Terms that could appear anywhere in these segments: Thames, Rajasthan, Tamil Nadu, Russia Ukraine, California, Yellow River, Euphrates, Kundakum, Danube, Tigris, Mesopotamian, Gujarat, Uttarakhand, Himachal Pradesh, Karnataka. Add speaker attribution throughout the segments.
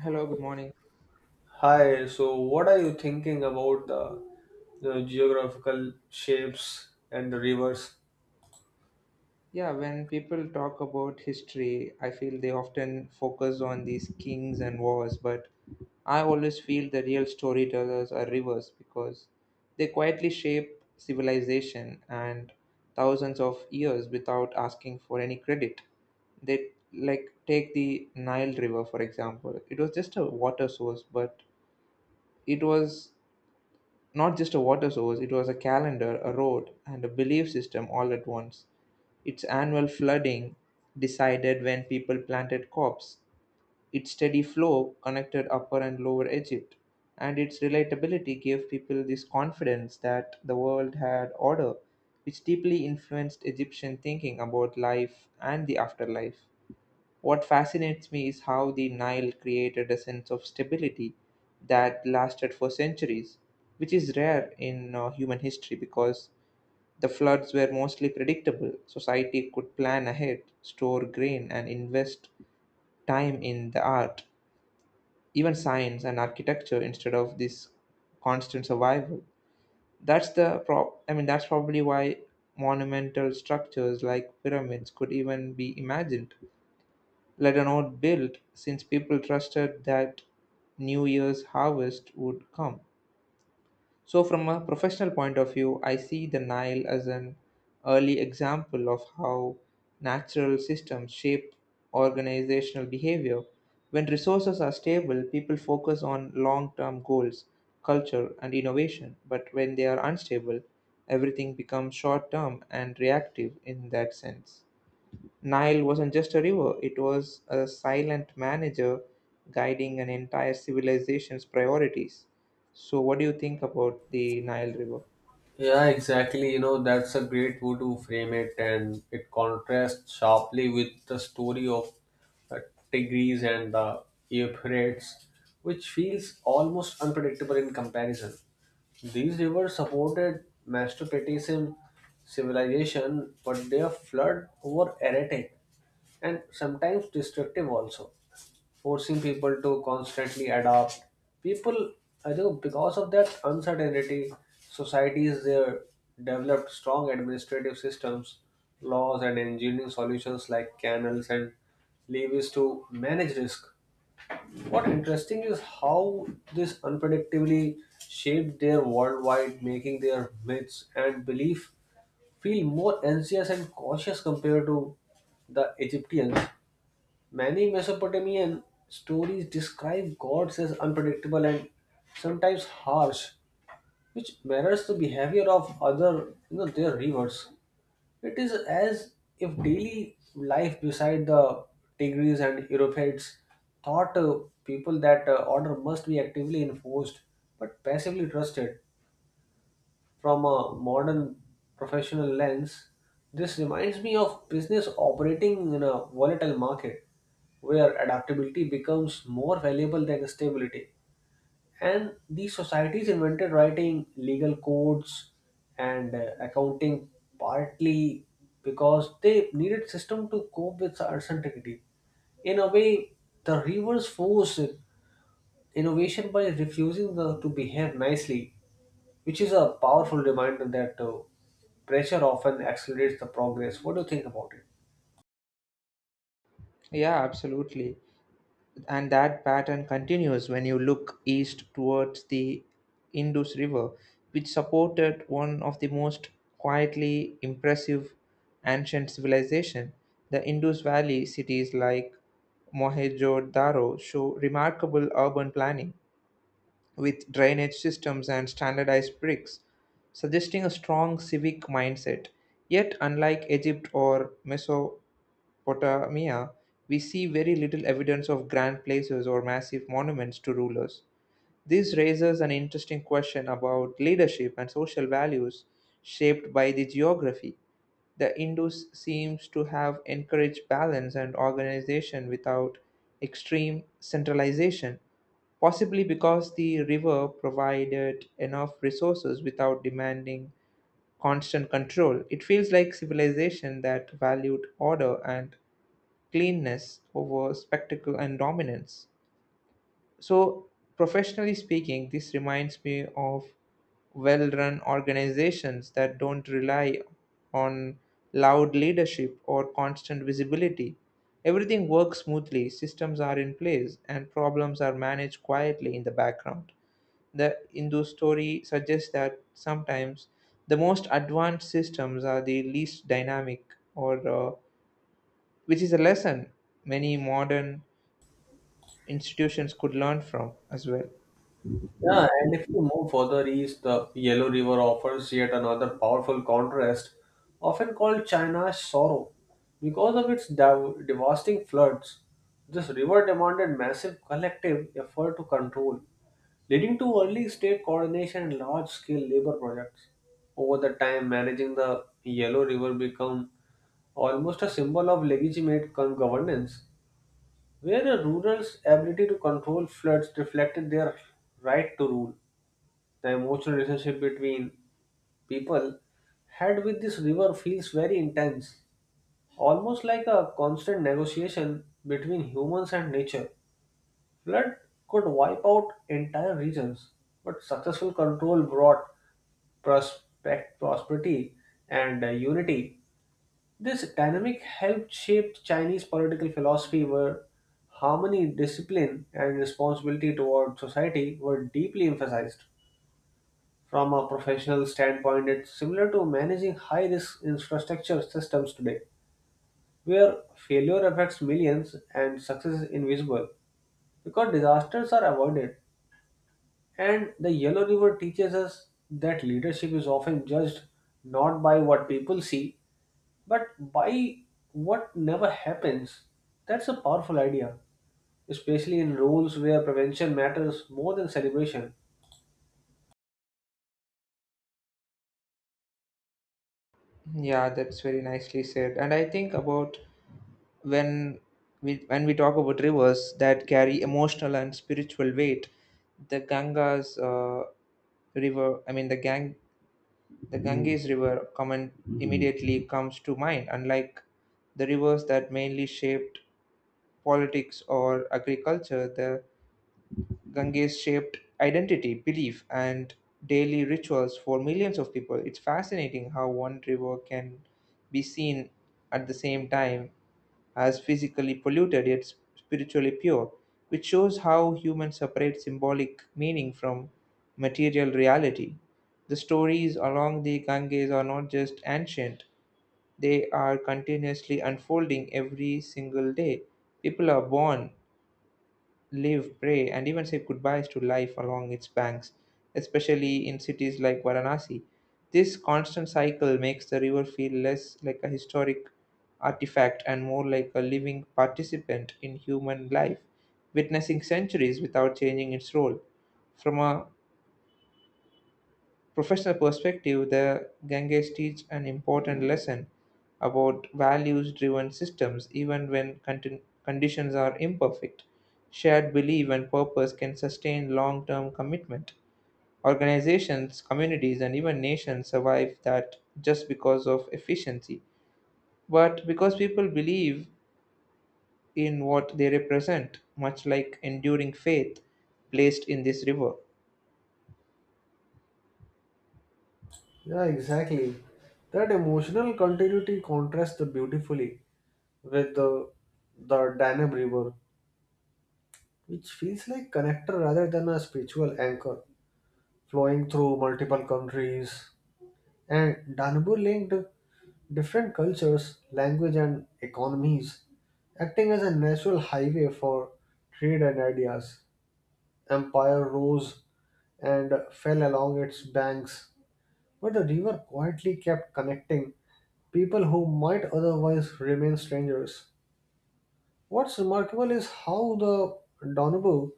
Speaker 1: Hello, good morning.
Speaker 2: Hi, so what are you thinking about the geographical shapes and the rivers?
Speaker 1: Yeah, when people talk about history, I feel they often focus on these kings and wars, but I always feel the real storytellers are rivers because they quietly shape civilization and thousands of years without asking for any credit. They like take the Nile River, for example. It was just a water source, but it was not just a water source, it was a calendar, a road, and a belief system all at once. Its annual flooding decided when people planted crops. Its steady flow connected upper and lower Egypt. And its relatability gave people this confidence that the world had order, which deeply influenced Egyptian thinking about life and the afterlife. What fascinates me is how the Nile created a sense of stability that lasted for centuries, which is rare in human history because the floods were mostly predictable. Society could plan ahead, store grain, and invest time in the art, even science and architecture instead of this constant survival. That's the prop. I mean, that's probably why monumental structures like pyramids could even be imagined let alone built, since people trusted that New Year's harvest would come. So, from a professional point of view, I see the Nile as an early example of how natural systems shape organizational behavior. When resources are stable, people focus on long term goals, culture, and innovation. But when they are unstable, everything becomes short term and reactive in that sense. Nile wasn't just a river, it was a silent manager guiding an entire civilization's priorities. So, what do you think about the Nile River?
Speaker 2: Yeah, exactly. You know, that's a great way to frame it, and it contrasts sharply with the story of the Tigris and the Euphrates, which feels almost unpredictable in comparison. These rivers supported Mesopotamian civilization, but their flood were erratic and sometimes destructive also, forcing people to constantly adapt. People, I think, because of that uncertainty, societies there developed strong administrative systems, laws, and engineering solutions like canals and levies to manage risk. What interesting is how this unpredictably shaped their worldwide, making their myths and belief feel more anxious and cautious compared to the Egyptians. Many Mesopotamian stories describe gods as unpredictable and sometimes harsh, which mirrors the behavior of other, you know, their rivers. It is as if daily life beside the Tigris and Europeids taught people that order must be actively enforced but passively trusted. From a modern professional lens, this reminds me of business operating in a volatile market where adaptability becomes more valuable than stability. And these societies invented writing legal codes and accounting partly because they needed system to cope with uncertainty. In a way, the reverse force innovation by refusing the, to behave nicely, which is a powerful reminder that pressure often accelerates the progress. What do you think about it?
Speaker 1: Yeah, absolutely. And that pattern continues when you look east towards the Indus River, which supported one of the most quietly impressive ancient civilization. The Indus Valley cities like Mohenjo-Daro show remarkable urban planning with drainage systems and standardized bricks, suggesting a strong civic mindset. Yet, unlike Egypt or Mesopotamia, we see very little evidence of grand places or massive monuments to rulers. This raises an interesting question about leadership and social values shaped by the geography. The Indus seems to have encouraged balance and organization without extreme centralization, possibly because the river provided enough resources without demanding constant control. It feels like civilization that valued order and cleanness over spectacle and dominance. So, professionally speaking, this reminds me of well run organizations that don't rely on loud leadership or constant visibility. Everything works smoothly, systems are in place, and problems are managed quietly in the background. The Hindu story suggests that sometimes the most advanced systems are the least dynamic, or which is a lesson many modern institutions could learn from as well.
Speaker 2: Yeah, and if you move further east, the Yellow River offers yet another powerful contrast, often called China's sorrow. Because of its devastating floods, this river demanded massive collective effort to control, leading to early state coordination and large scale labor projects. Over the time, managing the Yellow River became almost a symbol of governance, where a rural's ability to control floods reflected their right to rule. The emotional relationship between people had with this river feels very intense, almost like a constant negotiation between humans and nature. Flood could wipe out entire regions, but successful control brought prosperity and unity. This dynamic helped shape Chinese political philosophy, where harmony, discipline, and responsibility toward society were deeply emphasized. From a professional standpoint, it's similar to managing high risk infrastructure systems today, where failure affects millions and success is invisible because disasters are avoided. And the Yellow River teaches us that leadership is often judged not by what people see but buy what never happens. That's a powerful idea, especially in roles where prevention matters more than celebration.
Speaker 1: Yeah, that's very nicely said. And I think about when we talk about rivers that carry emotional and spiritual weight, the Ganga's river, I mean the Gang, the Ganges River, common immediately comes to mind. Unlike the rivers that mainly shaped politics or agriculture, the Ganges shaped identity, belief, and daily rituals for millions of people. It's fascinating how one river can be seen at the same time as physically polluted yet spiritually pure, which shows how humans separate symbolic meaning from material reality. The stories along the Ganges are not just ancient, they are continuously unfolding every single day. People are born live, pray, and even say goodbyes to life along its banks, especially in cities like Varanasi. This constant cycle makes the river feel less like a historic artifact and more like a living participant in human life, witnessing centuries without changing its role. From a professional perspective, the Ganges teach an important lesson about values-driven systems, even when conditions are imperfect. Shared belief and purpose can sustain long-term commitment. Organizations, communities, and even nations survive that just because of efficiency, but because people believe in what they represent, much like enduring faith placed in this river.
Speaker 2: Yeah, exactly. That emotional continuity contrasts beautifully with the Danube River, which feels like connector rather than a spiritual anchor, flowing through multiple countries, and Danube linked different cultures, language, and economies, acting as a natural highway for trade and ideas. Empire rose and fell along its banks, but the river quietly kept connecting people who might otherwise remain strangers. What's remarkable is how the Danube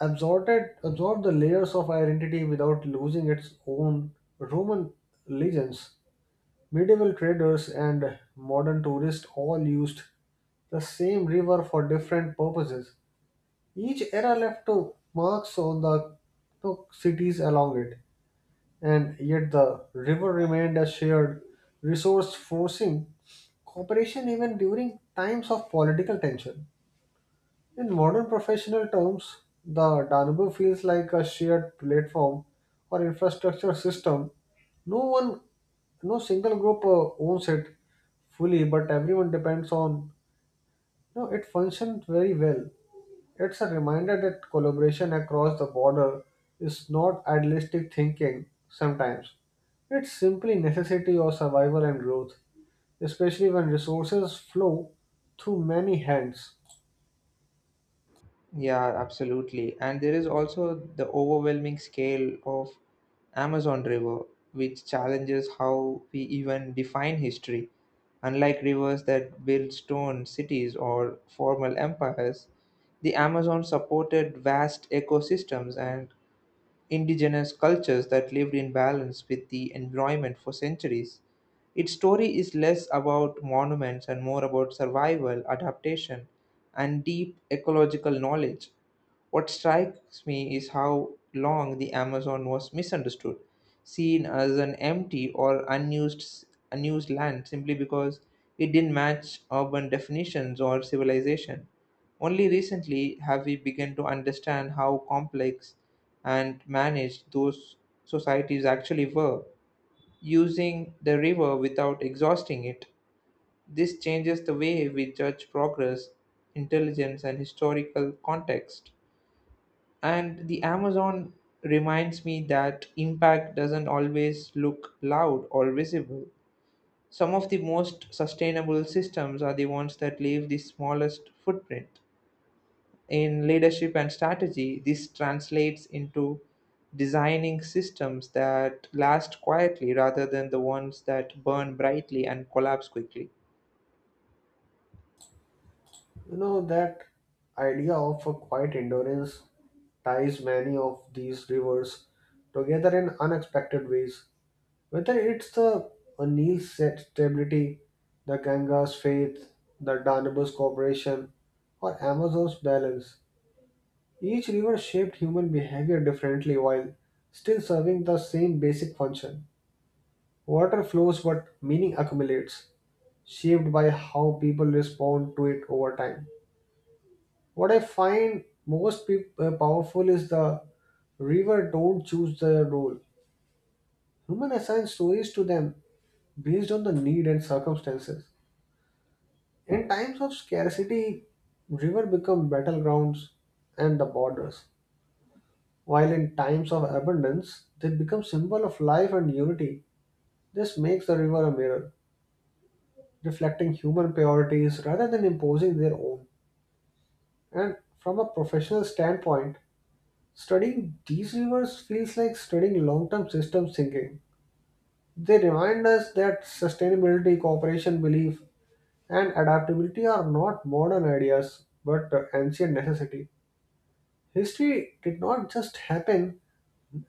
Speaker 2: absorbed, absorbed the layers of identity without losing its own Roman legends. Medieval traders and modern tourists all used the same river for different purposes. Each era left marks on the cities along it, and yet the river remained a shared resource, forcing cooperation even during times of political tension. In modern professional terms, the Danube feels like a shared platform or infrastructure system. No one, no single group owns it fully, but everyone depends on. No, it functions very well. It's a reminder that collaboration across the border is not idealistic thinking sometimes. It's simply necessity or survival and growth, especially when resources flow through many hands.
Speaker 1: Yeah, absolutely. And there is also the overwhelming scale of Amazon River, which challenges how we even define history. Unlike rivers that build stone cities or formal empires, the Amazon supported vast ecosystems and indigenous cultures that lived in balance with the environment for centuries. Its story is less about monuments and more about survival, adaptation, and deep ecological knowledge. What strikes me is how long the Amazon was misunderstood, seen as an empty or unused land simply because it didn't match urban definitions or civilization. Only recently have we begun to understand how complex and managed those societies actually were. Using the river without exhausting it, this changes the way we judge progress, intelligence, and historical context. And the Amazon reminds me that impact doesn't always look loud or visible. Some of the most sustainable systems are the ones that leave the smallest footprint. In leadership and strategy, this translates into designing systems that last quietly rather than the ones that burn brightly and collapse quickly.
Speaker 2: You know, that idea of a quiet endurance ties many of these rivers together in unexpected ways. Whether it's the Nil's stability, the Ganga's faith, the Danube's cooperation, or Amazon's balance, each river shaped human behavior differently while still serving the same basic function. Water flows, but meaning accumulates, shaped by how people respond to it over time. What I find most powerful is the river don't choose the role. Human assign stories to them based on the need and circumstances. In times of scarcity, river become battlegrounds and the borders. While in times of abundance, they become symbol of life and unity. This makes the river a mirror, reflecting human priorities rather than imposing their own. And from a professional standpoint, studying these rivers feels like studying long term system thinking. They remind us that sustainability, cooperation, belief, and adaptability are not modern ideas but ancient necessity. History did not just happen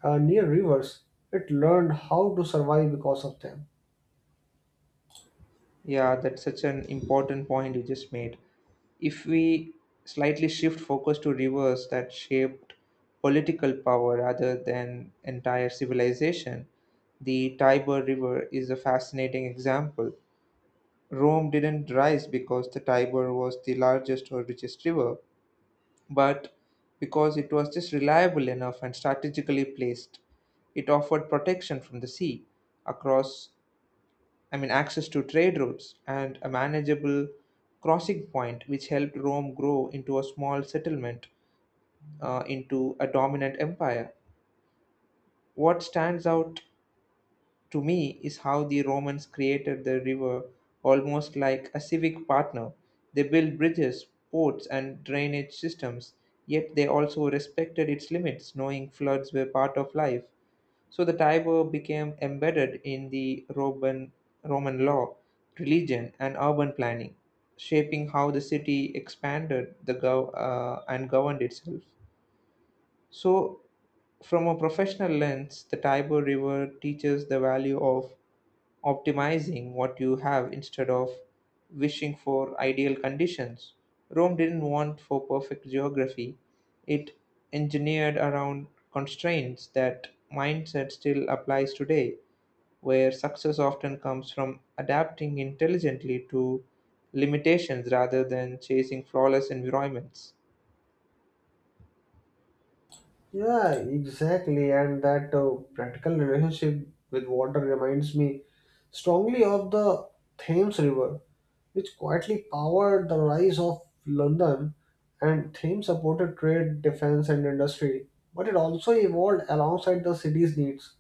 Speaker 2: near rivers, it learned how to survive because of them.
Speaker 1: Yeah, that's such an important point you just made. If we slightly shift focus to rivers that shaped political power rather than entire civilization, the Tiber River is a fascinating example. Rome didn't rise because the Tiber was the largest or richest river, but because it was just reliable enough and strategically placed. It offered protection from the sea across, I mean, access to trade routes and a manageable crossing point, which helped Rome grow into a small settlement into a dominant empire. What stands out to me is how the Romans created the river almost like a civic partner. They built bridges, ports, and drainage systems, yet they also respected its limits, knowing floods were part of life. So the Tiber became embedded in the Roman law, religion, and urban planning, shaping how the city expanded and governed itself. So, from a professional lens, the Tiber River teaches the value of optimizing what you have instead of wishing for ideal conditions. Rome didn't want for perfect geography, it engineered around constraints. That mindset still applies today, where success often comes from adapting intelligently to limitations rather than chasing flawless environments.
Speaker 2: Yeah, exactly. And that practical relationship with water reminds me strongly of the Thames River, which quietly powered the rise of London. And Thames supported trade, defense, and industry, but it also evolved alongside the city's needs.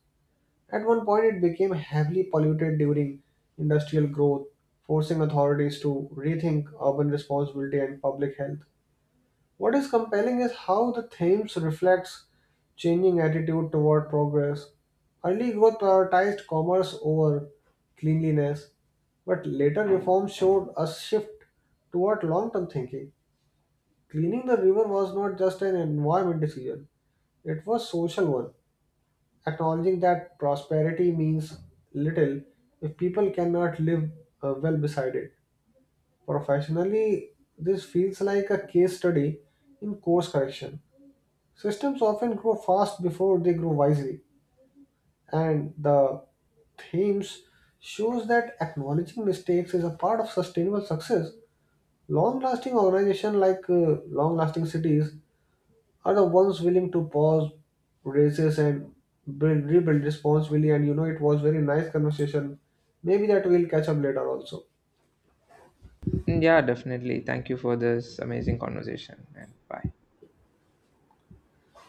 Speaker 2: At one point, it became heavily polluted during industrial growth, forcing authorities to rethink urban responsibility and public health. What is compelling is how the themes reflects changing attitude toward progress. Early growth prioritized commerce over cleanliness, but later reforms showed a shift toward long-term thinking. Cleaning the river was not just an environment decision, it was social one, acknowledging that prosperity means little if people cannot live well beside it. Professionally, this feels like a case study in course correction. Systems often grow fast before they grow wisely, and the themes shows that acknowledging mistakes is a part of sustainable success. Long-lasting organizations like long-lasting cities are the ones willing to pause races and rebuild responsibly. And you know, it was very nice conversation. Maybe that we'll catch up later also.
Speaker 1: Mm, yeah, definitely. Thank you for this amazing conversation and bye.